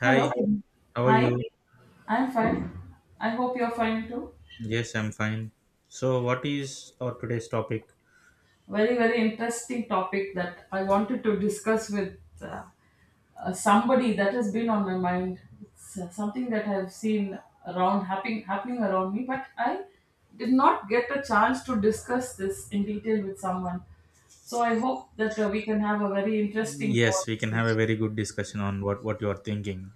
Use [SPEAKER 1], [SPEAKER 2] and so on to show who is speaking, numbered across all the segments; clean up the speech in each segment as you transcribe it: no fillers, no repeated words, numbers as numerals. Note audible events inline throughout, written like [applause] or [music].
[SPEAKER 1] Hi,
[SPEAKER 2] Hello.
[SPEAKER 1] how are
[SPEAKER 2] Hi.
[SPEAKER 1] you?
[SPEAKER 2] I'm fine. I hope you're fine too.
[SPEAKER 1] Yes, I'm fine. So, what is our today's topic?
[SPEAKER 2] Very, very interesting topic that I wanted to discuss with somebody that has been on my mind. It's something that I've seen around happening around me, but I did not get a chance to discuss this in detail with someone. So I hope that we can have a very interesting
[SPEAKER 1] Yes, we can have a
[SPEAKER 2] conversation.
[SPEAKER 1] very good discussion on what you are thinking.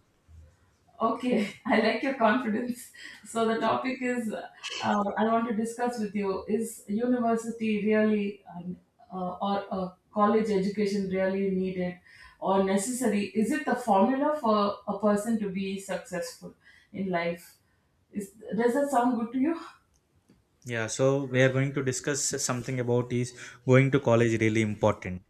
[SPEAKER 2] Okay, [laughs] I like your confidence. So the topic is I want to discuss with you is university really or college education really needed or necessary? Is it the formula for a person to be successful in life? Is does that sound good to you?
[SPEAKER 1] Yeah, so we are going to discuss something about is going to college really important?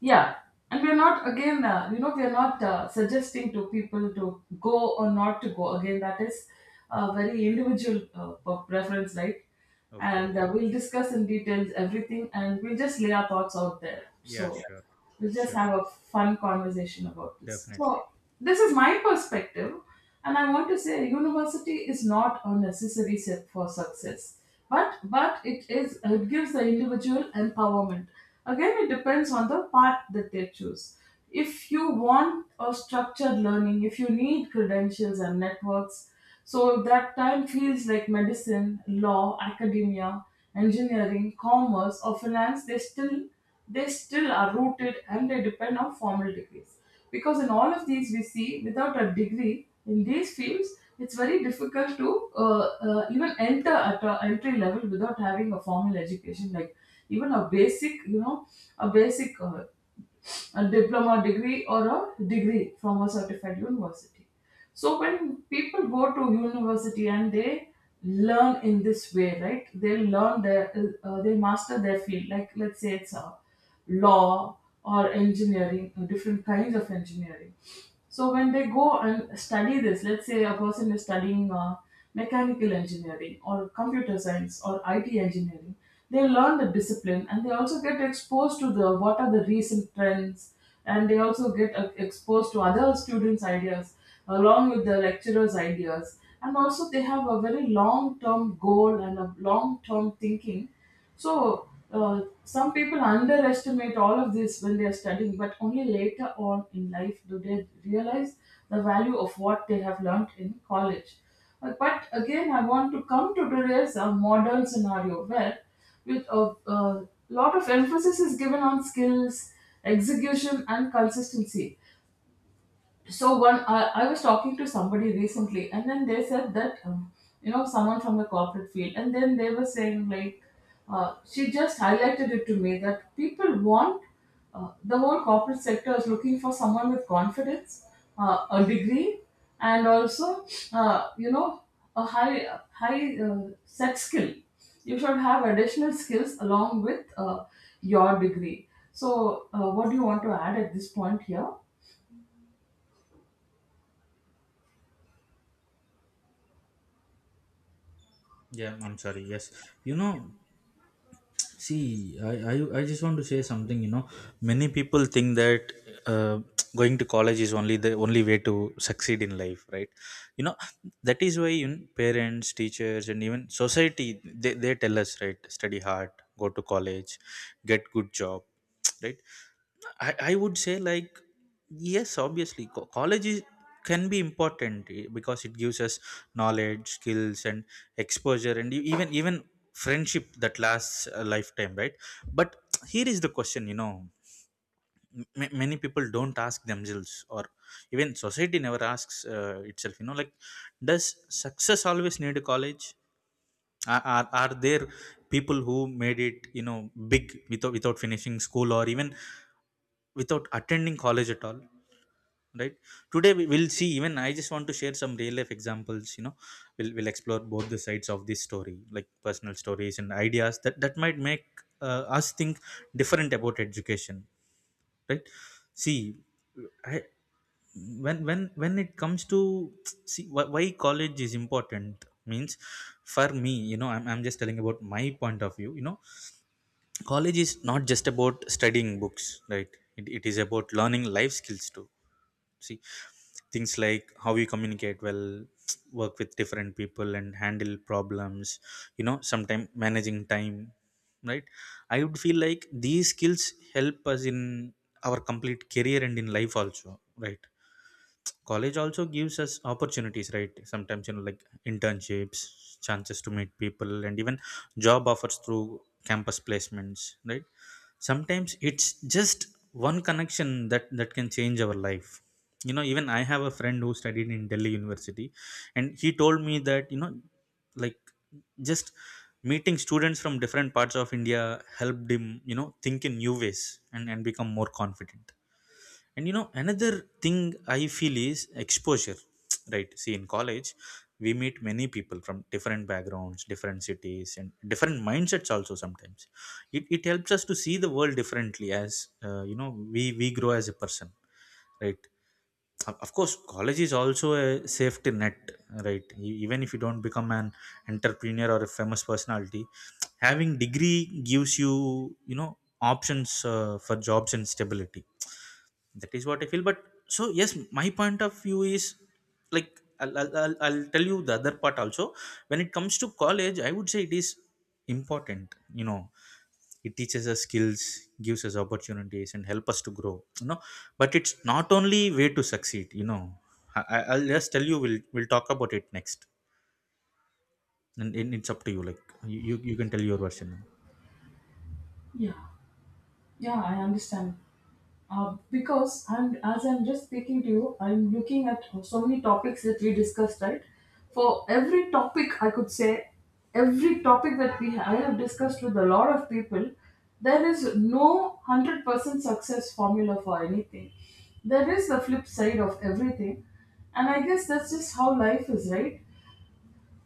[SPEAKER 2] Yeah, and we're not again, you know, we're not suggesting to people to go or not to go. Again, that is a very individual preference, right?
[SPEAKER 1] Okay.
[SPEAKER 2] And we'll discuss in details everything, and we'll just lay our thoughts out there.
[SPEAKER 1] Yeah,
[SPEAKER 2] So,
[SPEAKER 1] sure.
[SPEAKER 2] we'll just
[SPEAKER 1] Sure.
[SPEAKER 2] have a fun conversation about this.
[SPEAKER 1] Definitely.
[SPEAKER 2] So, this is my perspective, and I want to say university is not a necessary step for success, but it gives the individual empowerment. Again, it depends on the path that they choose. If you want a structured learning, if you need credentials and networks, so that time fields like medicine, law, academia, engineering, commerce, or finance, they still are rooted and they depend on formal degrees. Because in all of these, we see without a degree in these fields, it's very difficult to even enter at an entry level without having a formal education, like even a basic, you know, a basic a diploma degree or a degree from a certified university. So when people go to university and they learn in this way, right? They learn their, they master their field. Like let's say it's a law or engineering, different kinds of engineering. So when they go and study this, let's say a person is studying mechanical engineering or computer science or IT engineering. They learn the discipline and they also get exposed to the what are the recent trends, and they also get exposed to other students' ideas along with the lecturers' ideas, and also they have a very long-term goal and a long-term thinking so some people underestimate all of this when they are studying, but only later on in life do they realize the value of what they have learned in college. But again, I want to come to today's modern scenario where with a lot of emphasis is given on skills, execution, and consistency. So one I was talking to somebody recently and then they said that you know, someone from the corporate field and then they were saying like she just highlighted it to me that people want the whole corporate sector is looking for someone with confidence, a degree, and also you know, a high set skill. You should have additional skills along with your degree. So what do you want to add at this point here?
[SPEAKER 1] Yeah, I'm sorry. Yes. You know, see, I just want to say something. You know, many people think that uh, going to college is only the only way to succeed in life, right? You know, that is why, you know, parents, teachers, and even society, they tell us, right? Study hard, go to college, get good job, [tsk] right? I would say like, yes, obviously college is, can be important, because it gives us knowledge, skills, and exposure, and even friendship that lasts a lifetime, right? But here is the question, you know, many people don't ask themselves, or even society never asks itself, you know, like, does success always need a college? Are there people who made it, you know, big, without finishing school or even without attending college at all, right? Today we will see. Even I just want to share some real life examples, you know. We'll explore both the sides of this story, like personal stories and ideas that might make us think different about education, right? See, I, when it comes to, see, why college is important, means, for me, you know, I'm just telling about my point of view, you know, college is not just about studying books, right? It is about learning life skills too. See, things like how you communicate well, work with different people, and handle problems, you know, sometimes managing time, right? I would feel like these skills help us in our complete career and in life also, right? College also gives us opportunities, right? Sometimes, you know, like internships, chances to meet people, and even job offers through campus placements, right? Sometimes it's just one connection that can change our life. You know, even I have a friend who studied in Delhi University, and he told me that, you know, like, just meeting students from different parts of India helped him, you know, think in new ways and become more confident. And you know, another thing I feel is exposure, [tsk] right? See, in college, we meet many people from different backgrounds, different cities, and different mindsets also sometimes. It helps us to see the world differently as, you know, we grow as a person, right? Of course, college is also a safety net, right? Even if you don't become an entrepreneur or a famous personality, having degree gives you, you know, options for jobs and stability. That is what I feel. But so yes, my point of view is like, I'll tell you the other part also. When it comes to college, I would say it is important, you know. It teaches us skills, gives us opportunities, and help us to grow, you know, but it's not only way to succeed, you know. I'll just tell you, we'll talk about it next, and it's up to you, like you can tell your version.
[SPEAKER 2] Yeah, yeah, I understand. Because I'm as I'm just speaking to you, I'm looking at so many topics that we discussed, right? For every topic, I could say every topic that we I have discussed with a lot of people, there is no 100% success formula for anything. There is the flip side of everything, and I guess that's just how life is, right?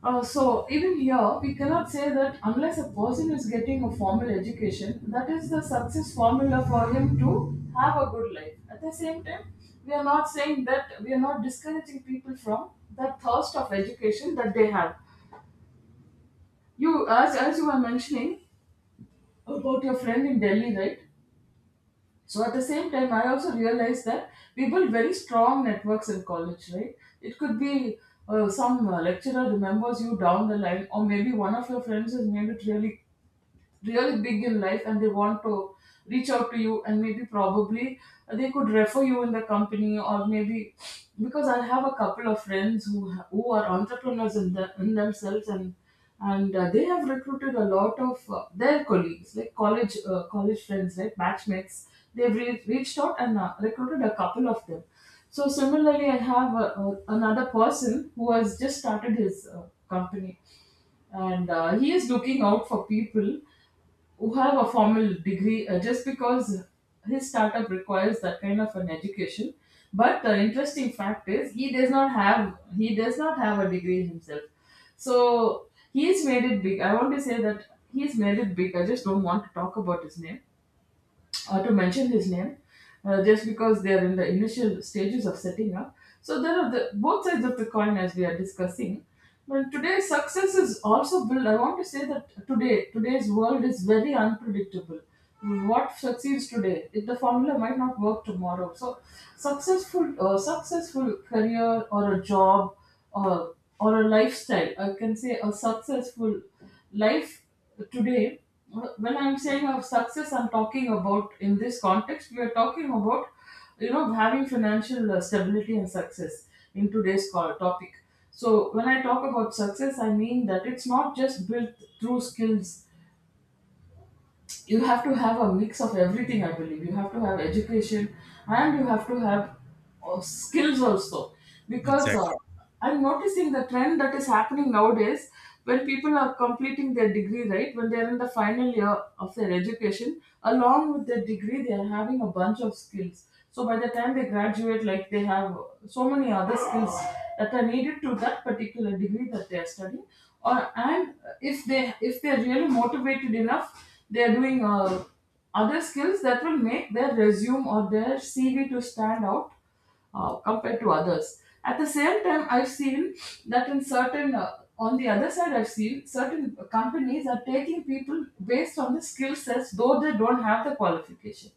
[SPEAKER 2] So even here, we cannot say that unless a person is getting a formal education, that is the success formula for him to have a good life. At the same time, we are not saying that we are not discouraging people from the thirst of education that they have. As you were mentioning about your friend in Delhi, right? So at the same time, I also realized that we build very strong networks in college, right? It could be some lecturer remembers you down the line, or maybe one of your friends has made it really big in life and they want to reach out to you and maybe probably they could refer you in the company or maybe because I have a couple of friends who who are entrepreneurs in themselves and and they have recruited a lot of their colleagues like college college friends like batchmates. They've reached out and recruited a couple of them. So similarly I have another person who has just started his company, and he is looking out for people who have a formal degree just because his startup requires that kind of an education. But the interesting fact is he does not have a degree himself. So he's made it big. I want to say that he's made it big. I just don't want to talk about his name, to mention his name, just because they are in the initial stages of setting up. So there are the both sides of the coin as we are discussing. But today, success is also built. I want to say that today's world is very unpredictable. What succeeds today, if the formula might not work tomorrow. So, successful career or a job or a lifestyle, I can say a successful life today. When I'm saying of success, I'm talking about in this context, we are talking about you know having financial stability and success in today's topic. So when I talk about success, I mean that it's not just built through skills. You have to have a mix of everything. I believe you have to have education and you have to have skills also. Because
[SPEAKER 1] Exactly.
[SPEAKER 2] I'm noticing the trend that is happening nowadays when people are completing their degree, right? When they're in the final year of their education along with their degree, they are having a bunch of skills. So by the time they graduate, like they have so many other skills that are needed to that particular degree that they are studying. Or and if they're really motivated enough, they're doing other skills that will make their resume or their CV to stand out compared to others. At the same time, I've seen that in certain on the other side, I've seen certain companies are taking people based on the skill sets though they don't have the qualification.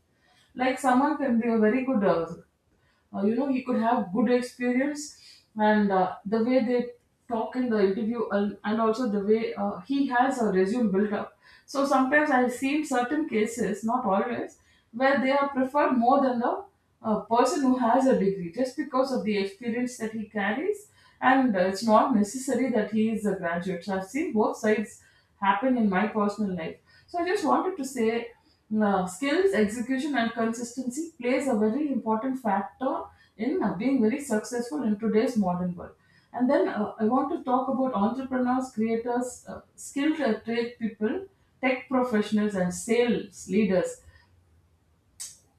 [SPEAKER 2] Like someone can be a very good, you know, he could have good experience and the way they talk in the interview, and also the way he has a resume built up. So sometimes I've seen certain cases, not always, where they are preferred more than the person who has a degree, just because of the experience that he carries, and it's not necessary that he is a graduate. So I've seen both sides happen in my personal life. So I just wanted to say now, skills, execution, and consistency plays a very important factor in being very successful in today's modern world. And then I want to talk about entrepreneurs, creators, skilled trade people, tech professionals, and sales leaders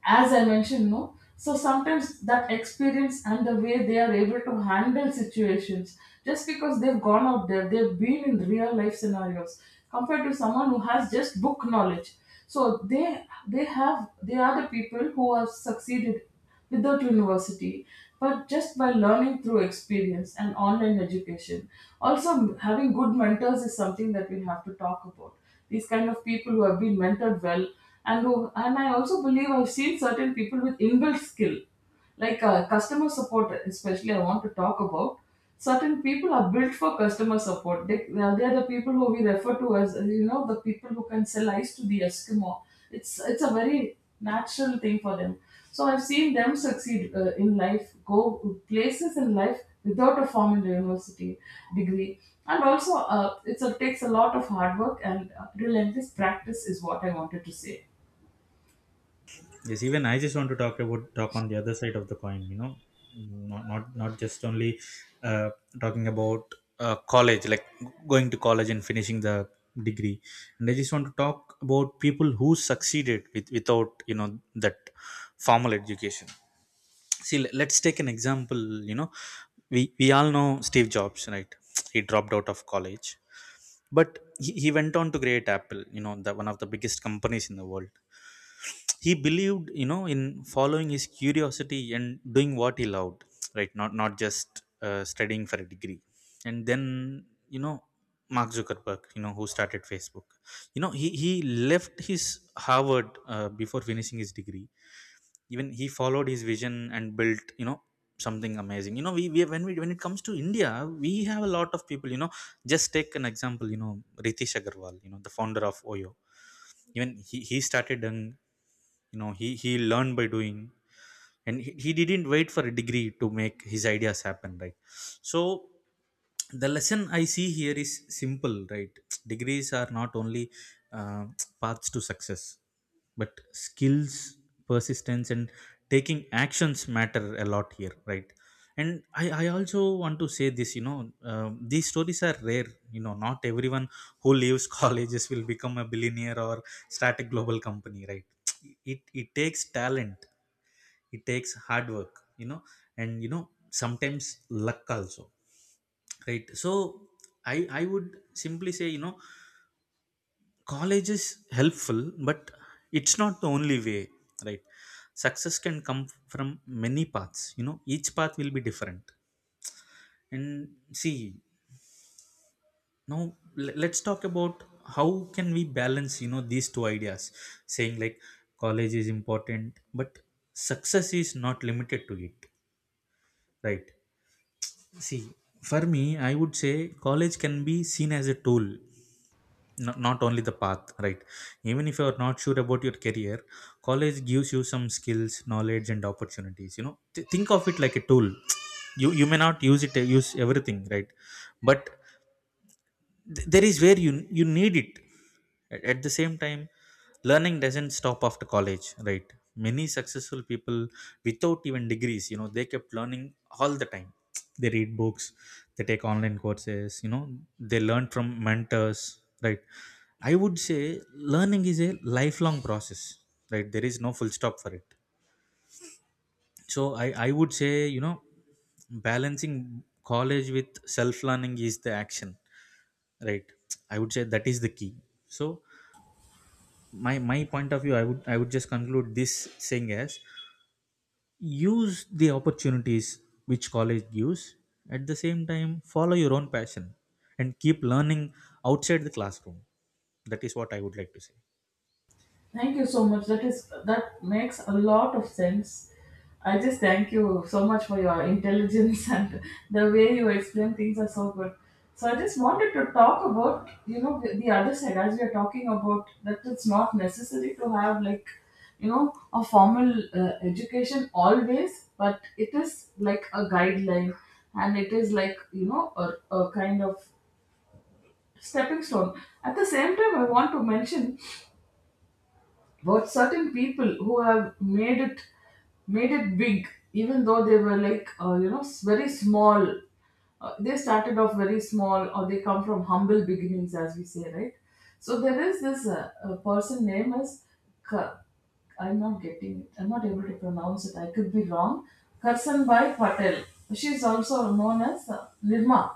[SPEAKER 2] as I mentioned, no. So sometimes that experience and the way they are able to handle situations, just because they've gone out there, they've been in real life scenarios, compared to someone who has just book knowledge. So they are the people who have succeeded without university, but just by learning through experience and online education. Also, having good mentors is something that we have to talk about. These kind of people who have been mentored well, and I also believe I've seen certain people with inbuilt skill like customer support. Especially I want to talk about certain people are built for customer support. They are the people who we refer to as you know, the people who can sell ice to the eskimo. It's a very natural thing for them. So I've seen them succeed in life, go places in life without a formal university degree. And also it's takes a lot of hard work and relentless practice is what I wanted to say.
[SPEAKER 1] Yes, even I just want to talk about, talk on the other side of the coin. You know, not just only uh, talking about college, like going to college and finishing the degree. And I just want to talk about people who succeeded with, without, you know, that formal education. See, let's take an example. You know, we all know Steve Jobs, right? [tsk] He dropped out of college, but he went on to create Apple. You know, the one of the biggest companies in the world. He believed, you know, in following his curiosity and doing what he loved, right? Not just studying for a degree, and then, you know, Mark Zuckerberg, you know, who started Facebook. You know, he left his Harvard before finishing his degree. Even he followed his vision and built, you know, something amazing. You know, we when it comes to India, we have a lot of people, you know. Just take an example, you know, Ritesh Agarwal, you know, the founder of OYO. Even he started young. You know, he learned by doing, and he didn't wait for a degree to make his ideas happen, right? So the lesson I see here is simple, right. [tsk] degrees are not only uh, [tsk] paths to success, but skills, persistence, and taking actions matter a lot here, right? And I also want to say this, you know, these stories are rare, you know. Not everyone who leaves [laughs] colleges will become a billionaire or start a global company, right? It takes talent, it takes hard work, you know, and you know, sometimes luck also, right? So I would simply say, you know, college is helpful, but it's not the only way, right? Success can come from many paths. You know, each path will be different. And see, now, let's talk about how can we balance, you know, these two ideas, saying like college is important, but success is not limited to it, right? See, for me, I would say college can be seen as a tool, not only the path, right? Even if you're not sure about your career, college gives you some skills, knowledge, and opportunities, you know. Think of it like a tool. [tsk] You may not use it, use everything, right? But there is where you need it. At the same time, learning doesn't stop after college, right? Many successful people without even degrees, you know, they kept learning all the time. They read books, they take online courses, you know, they learn from mentors, right? I would say learning is a lifelong process, right? There is no full stop for it. So I would say, you know, balancing college with self learning is the action, right? I would say that is the key. So my point of view, I would, I would just conclude this saying as, use the opportunities which college gives. At the same time, follow your own passion and keep learning outside the classroom. That is what I would like to say.
[SPEAKER 2] Thank you so much. That is that makes a lot of sense. I just thank you so much for your intelligence [laughs] and the way you explain things are so good. So I just wanted to talk about you know the other side as we are talking about that it's not necessary to have like you know a formal education always, but it is like a guideline and it is like you know a kind of stepping stone. At the same time, I want to mention but certain people who have made it big, even though they were like very small. They started off very small, or they come from humble beginnings, as we say, right? So there is this person name is Ka- I'm not getting it. I'm not able to pronounce it. I could be wrong. Karsanbhai Patel. She is also known as Nirma.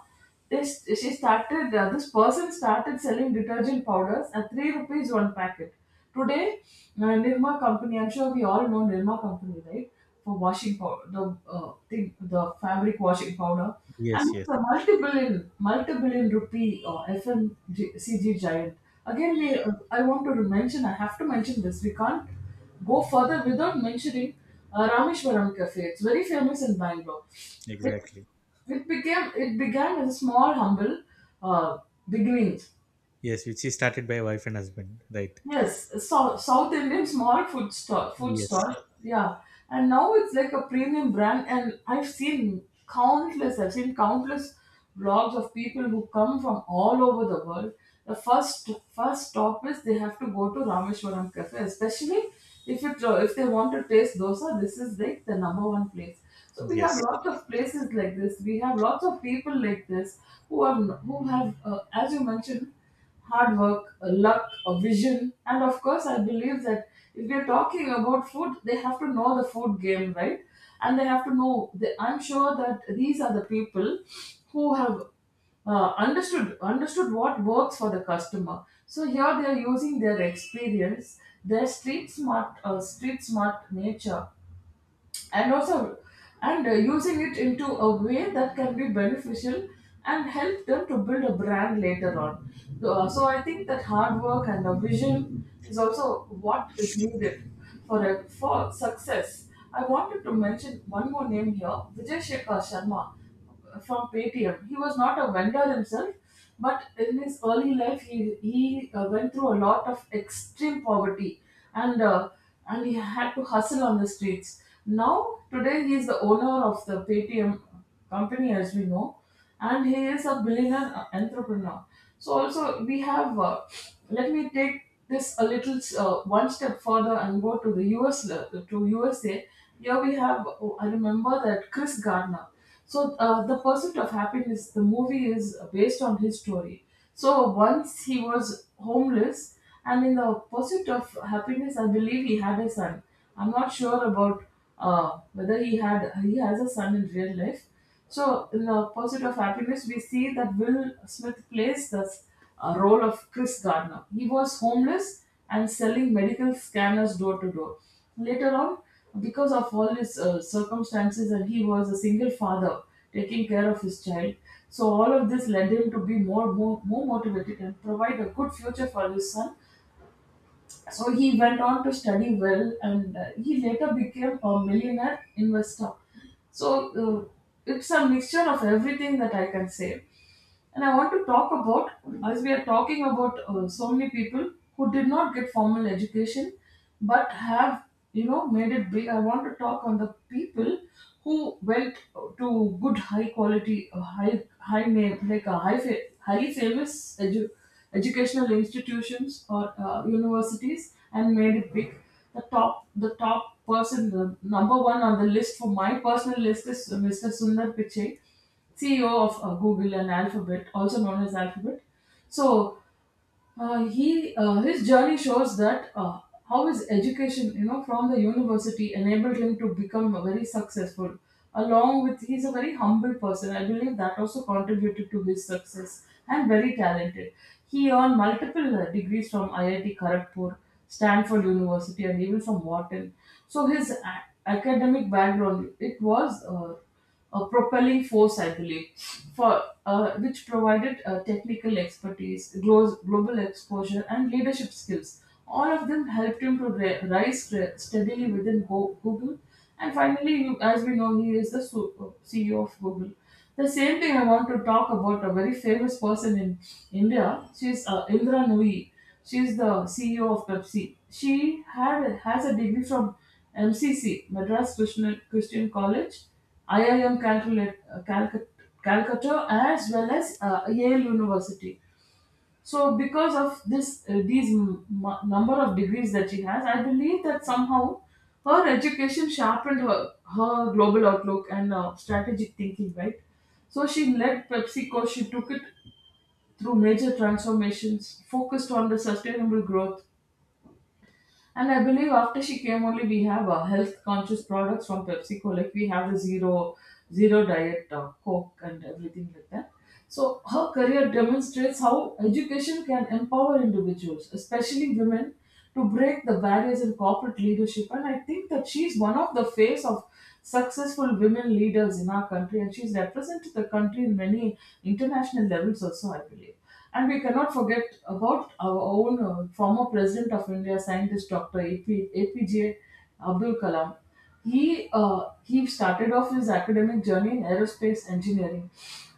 [SPEAKER 2] This she started this person started selling detergent powders at 3 rupees one packet. Today Nirma company, I'm sure we all know Nirma company, right? For washing powder, the thing the fabric washing powder,
[SPEAKER 1] Yes.
[SPEAKER 2] and it's
[SPEAKER 1] Yes.
[SPEAKER 2] a multi-billion rupee FMCG giant. Again, we I want to mention, I have to mention this, we can't go further without mentioning Rameshwaram Cafe. It's very famous in Bangalore.
[SPEAKER 1] Exactly.
[SPEAKER 2] It became it began as a small humble uh, beginnings.
[SPEAKER 1] Yes, which is started by wife and husband, right?
[SPEAKER 2] Yes, so South Indian small food
[SPEAKER 1] Yes.
[SPEAKER 2] store. Yeah, and now it's like a premium brand, and I've seen countless vlogs of people who come from all over the world. The first stop is they have to go to Rameshwaram Cafe, especially if they want to taste dosa. This is like the number one place. So we have
[SPEAKER 1] Yes.
[SPEAKER 2] lots of places like this. We have lots of people like this who have, as you mentioned, hard work, a luck, a vision. And of course, I believe that if we're talking about food, they have to know the food game, right? And they have to know, I'm sure that these are the people who have understood what works for the customer. So here they are using their experience, their street smart nature, and also, and using it into a way that can be beneficial and help them to build a brand later on. So I think that hard work and a vision is also what is needed for for success. I wanted to mention one more name here, Vijay Shekhar Sharma from Paytm. He was not a vendor himself, but in his early life, he went through a lot of extreme poverty, and uh, and he had to hustle on the streets. Now today, he is the owner of the Paytm company, as we know, and he is a billionaire entrepreneur. So also we have. Let me take this a little one step further and go to the to USA. Here we have. Oh, I remember that Chris Gardner. So the pursuit of happiness, the movie, is based on his story. So once he was homeless, and in the pursuit of happiness, I believe he had a son. I'm not sure about whether he has a son in real life. So in the pursuit of happiness, we see that Will Smith plays the role of Chris Gardner. He was homeless and selling medical scanners door to door. Later on, because of all his circumstances, and he was a single father taking care of his child. So all of this led him to be more motivated and provide a good future for his son, so he went on to study well, and he later became a millionaire investor. So uh, it's a mixture of everything that I can say. And I want to talk about, as we are talking about so many people who did not get formal education but have, you know, made it big, I want to talk on the people who went to good, high name, like highly famous educational institutions or universities and made it big. The top person, the number one on the list for my personal list is Mr. Sundar Pichai, CEO of Google and Alphabet, also known as Alphabet. So he his journey shows that how his education, you know, from the university enabled him to become very successful. Along with, he's a very humble person. I believe that also contributed to his success, and very talented. He earned multiple degrees from IIT Kharagpur, Stanford University, and even from Wharton. So academic background, it was a propelling force, I believe, for which provided technical expertise, global exposure, and leadership skills. All of them helped him to rise steadily within Google. And finally, as we know, he is the CEO of Google. The same thing I want to talk about a very famous person in India. She is Indra Nooyi. She is the CEO of Pepsi. She had has a degree from MCC, Madras Christian College, IIM Calcutta, as well as Yale University. So because of these number of degrees that she has, I believe that somehow her education sharpened her global outlook and strategic thinking, right? So she led PepsiCo, she took it through major transformations, focused on the sustainable growth, and I believe after she came only we have health conscious products from PepsiCo, like we have the zero diet Coke and everything like that. So her career demonstrates how education can empower individuals, especially women, to break the barriers in corporate leadership. And I think that she's one of the face of successful women leaders in our country, and she's represented the country in many international levels also, I believe. And we cannot forget about our own former president of India, scientist Dr. A P J Abdul Kalam. He started off his academic journey in aerospace engineering,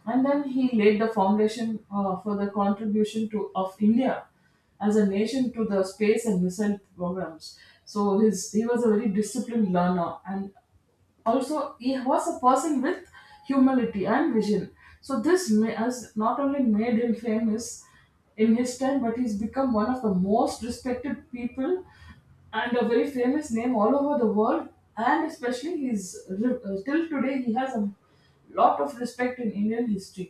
[SPEAKER 2] and then he laid the foundation for the of India as a nation, to the space and missile programs. So his he was a very disciplined learner, and also he was a person with humility and vision. So this has not only made him famous in his time, but he's become one of the most respected people and a very famous name all over the world. And especially till today, he has a lot of respect in Indian history.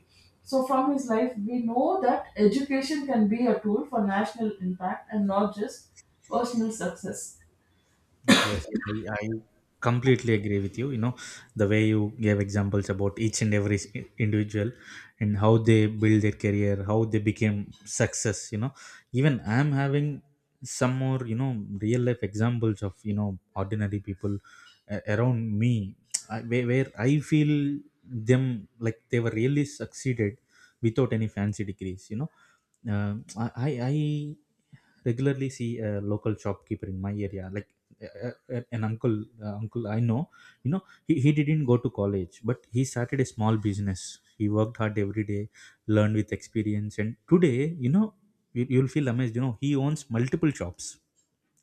[SPEAKER 2] So from his life, we know that education can be a tool for national impact and not just personal success.
[SPEAKER 1] Yes, I completely agree with you. You know, the way you gave examples about each and every individual, and how they build their career, how they became success, you know, even I'm having some more, you know, real life examples of, you know, ordinary people around me. [tsk] I, where I feel them like they were really succeeded without any fancy degrees, you know. Um, I regularly see a local shopkeeper in my area, like uh, an uncle, uncle I know. You know, he didn't go to college, but he started a small business. He worked hard every day, learned with experience, and today, you know, you, you'll feel amazed. You know, he owns multiple shops.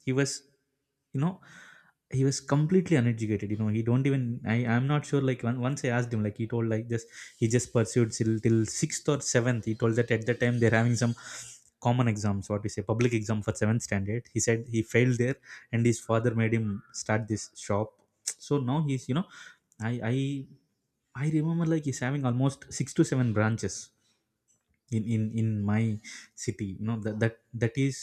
[SPEAKER 1] He was, you know, he was completely uneducated. You know, he don't even, I'm not sure like, once I asked him, like, he told like, just, he just pursued till, till sixth or seventh. He told that at the time they're having some common exams, what we say public exam for seventh standard. He said he failed there, and his father made him start this shop. So now he's, you know, i i I remember, like, he's having almost six to seven branches in my city, you know. That is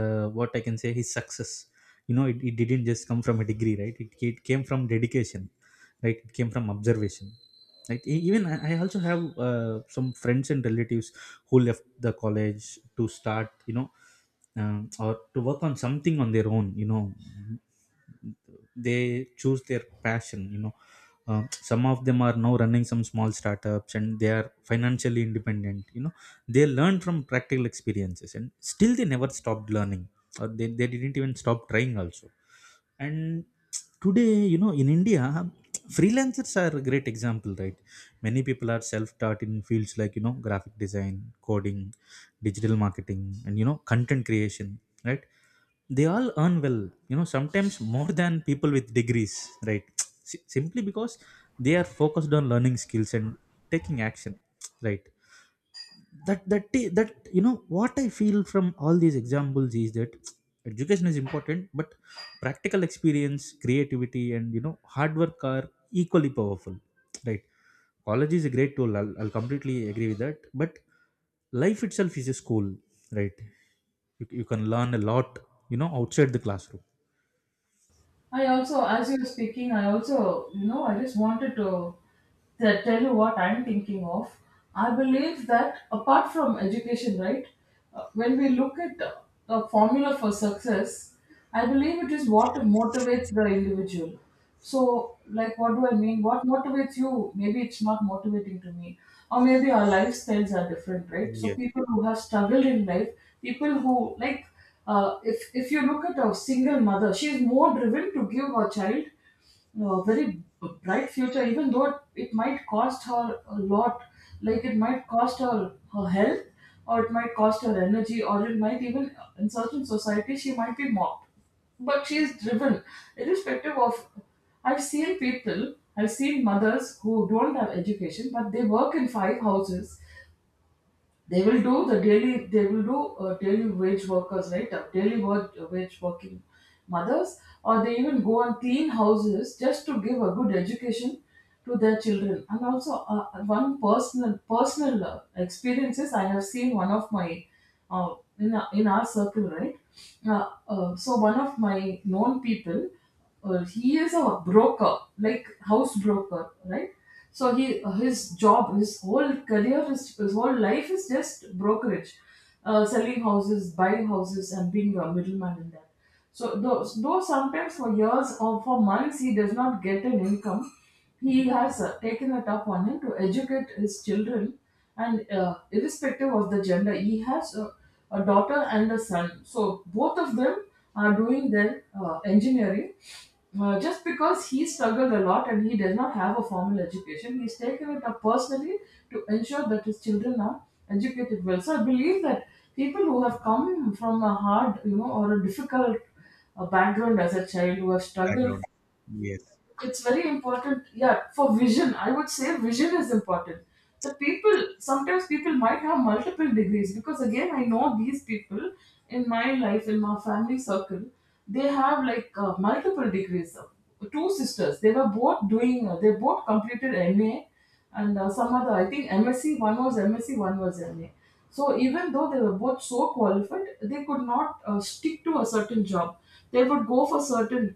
[SPEAKER 1] what I can say, his success. You know, it didn't just come from a degree, right. It came from dedication, right. It came from observation, Like, even I also have some friends and relatives who left the college to start, you know, um, or to work on something on their own. You know, they choose their passion. You know, um, some of them are now running some small startups, and they are financially independent. You know, they learn from practical experiences, and still they never stopped learning, or they didn't even stop trying also. And today, you know, in India, freelancers are a great example, right? Many people are self-taught in fields like, you know, graphic design, coding, digital marketing, and you know, content creation, right? They all earn well, you know, sometimes more than people with degrees, right? [tsk] Simply because they are focused on learning skills and taking action, right? That you know, what I feel from all these examples is that education is important, but practical experience, creativity, and you know, hard work are equally powerful, right? College is a great tool, I'll completely agree with that, but life itself is a school, right? You can learn a lot, you know, outside the classroom.
[SPEAKER 2] As you were speaking, I also, you know, I just wanted to tell you what I'm thinking of. I believe that apart from education, right, when we look at a formula for success, I believe it is what motivates the individual. So, like, what do I mean? What motivates you? Maybe it's not motivating to me. Or maybe our lifestyles are different, right? So
[SPEAKER 1] Yes.
[SPEAKER 2] people who have struggled in life, people who, like, if you look at a single mother, she's more driven to give her child a very bright future, even though it might cost her a lot. Like it might cost her her health, or it might cost her energy, or it might even, in certain societies, she might be mocked. But she is driven, irrespective of. I've seen people, I've seen mothers who don't have education, but they work in five houses. They will do the daily they will do daily wage workers, right? Daily wage working mothers, or they even go and clean houses just to give a good education to their children. And also, one personal experiences, I have seen one of my in our circle, right? So one of my known people, he is a broker, like house broker, right? So he, his job, his whole career, his whole life is just brokerage, selling houses, buying houses, and being a middleman in that. So though sometimes for years or for months he does not get an income, he has taken it up on him to educate his children, and irrespective of the gender, he has a daughter and a son. So both of them are doing their engineering. Just because he struggled a lot and he does not have a formal education, he's taken it up personally to ensure that his children are educated well. So I believe that people who have come from a hard, or a difficult background as a child, who have struggled
[SPEAKER 1] Background. Yes.
[SPEAKER 2] it's very important, yeah, for vision. I would say vision is important. The people sometimes people might have multiple degrees because, again, I know these people in my life, in my family circle. They have like multiple degrees. Two sisters, they were both doing they both completed MA and some other, I think MSc. One was MSc, one was MA. So even though they were both so qualified, they could not stick to a certain job. They would go for certain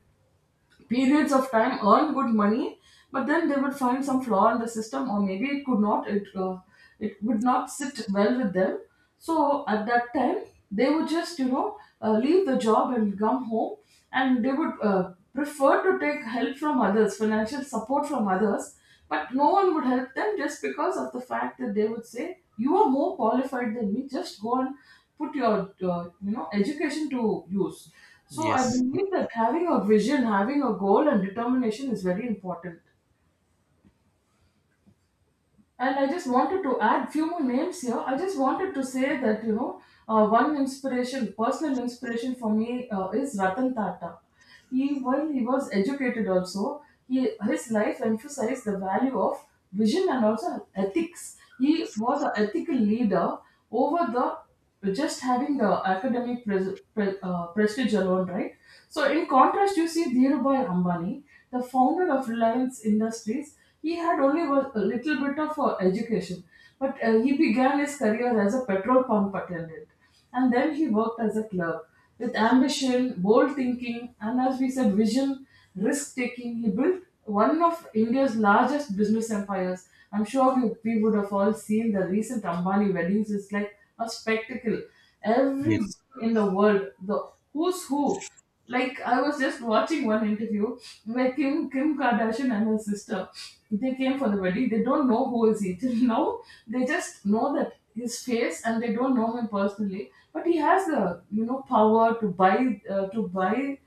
[SPEAKER 2] periods of time, earn good money, but then they would find some flaw in the system, or maybe it could not it it would not sit well with them. So at that time they would just leave the job and come home, and they would prefer to take help from others, financial support from others. But no one would help them, just because of the fact that they would say, "You are more qualified than me. Just go and put your education to use." So I
[SPEAKER 1] Yes.
[SPEAKER 2] believe that having a vision, having a goal, and determination is very important. And I just wanted to add few more names here. I just wanted to say that one inspiration, personal inspiration for me is Ratan Tata. He, while he was educated also, he his life emphasized the value of vision and also ethics. He was an ethical leader over the just having the academic prestige alone, right? So, in contrast, you see Dhirubhai Ambani, the founder of Reliance Industries. He had only was a little bit of education, but he began his career as a petrol pump attendant, and then he worked as a clerk. With ambition, bold thinking, and, as we said, vision, risk taking, he built one of India's largest business empires. I'm sure you, we would have all seen the recent Ambani weddings. It's like a spectacle. Every
[SPEAKER 1] Yes.
[SPEAKER 2] in the world, the who's who, like, I was just watching one interview where Kim Kardashian and her sister, they came for the wedding. They don't know who is he [laughs] till now. They just know that his face and they don't know him personally. But he has the, you know, power to buy to buy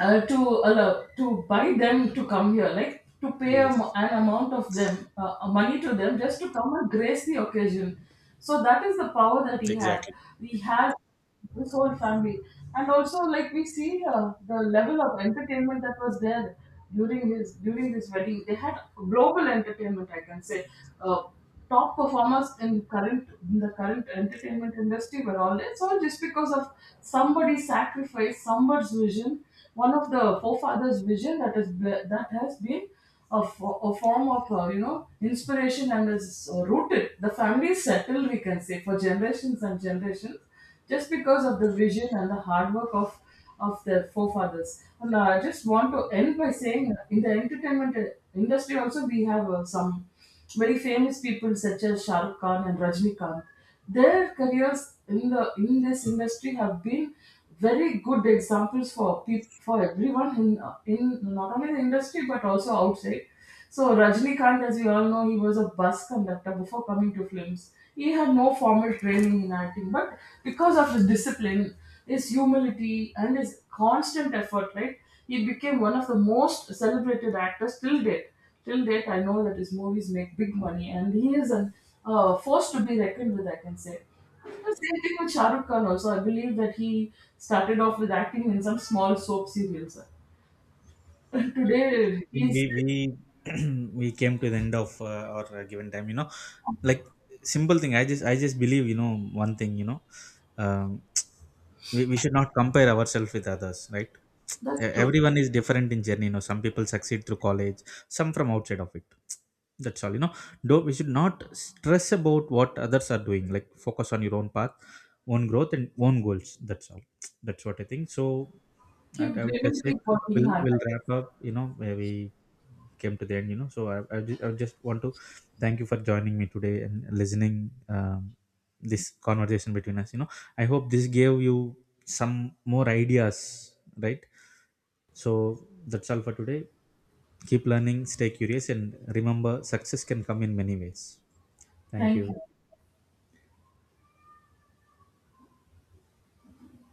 [SPEAKER 2] to allow to buy them to come here, like, to pay a,
[SPEAKER 1] Yes.
[SPEAKER 2] an amount of them money to them just to come and grace the occasion. So that is the power that he had.
[SPEAKER 1] Exactly.
[SPEAKER 2] He has this whole family, and also, like, we see the level of entertainment that was there during his during this wedding. They had global entertainment, I can say. uh, Top performers in current in the current entertainment industry were all there. So just because of somebody's sacrifice, somebody's vision, one of the forefathers' vision, that is that has been a, a form of inspiration, and is rooted. The family is settled, we can say, for generations and generations, just because of the vision and the hard work of their forefathers. And I just want to end by saying, in the entertainment industry also, we have some very famous people such as Shah Rukh Khan and Rajnikant. Their careers in the in this industry have been very good examples for peop for everyone in not only the industry but also outside. So Rajnikant, as we all know, he was a bus conductor before coming to films. He had no formal training in acting, but because of his discipline, his humility, and his constant effort, right, he became one of the most celebrated actors till date. Till date, I know that his movies make big money, and he is a force to be reckoned with, I can say. The same thing with Shah Rukh Khan also. I believe that he started off with acting in some small soap serials. [laughs] Today,
[SPEAKER 1] Think we
[SPEAKER 2] he's
[SPEAKER 1] we [clears throat] we came to the end of our given time, you know, like, simple thing, I just believe, you know, one thing, you know, um, [tsk] we should not compare ourselves with others, right?
[SPEAKER 2] that's
[SPEAKER 1] E-
[SPEAKER 2] true.
[SPEAKER 1] everyone is different in journey. You know, some people succeed through college, some from outside of it. [tsk] that's all, you know. Though we should not stress about what others are doing, like focus on your own path, own growth, and own goals. That's all. [tsk] that's what I think. So I
[SPEAKER 2] Keep
[SPEAKER 1] would just
[SPEAKER 2] dreaming,
[SPEAKER 1] say,
[SPEAKER 2] keep working
[SPEAKER 1] we'll
[SPEAKER 2] hard
[SPEAKER 1] we'll
[SPEAKER 2] at it.
[SPEAKER 1] wrap up. You know, where we came to the end, you know. So I just want to thank you for joining me today and listening, um, this conversation between us, you know. I hope this gave you some more ideas, right? So that's all for today. Keep learning, stay curious, and remember, success can come in many ways. Thank you.
[SPEAKER 2] Thank you.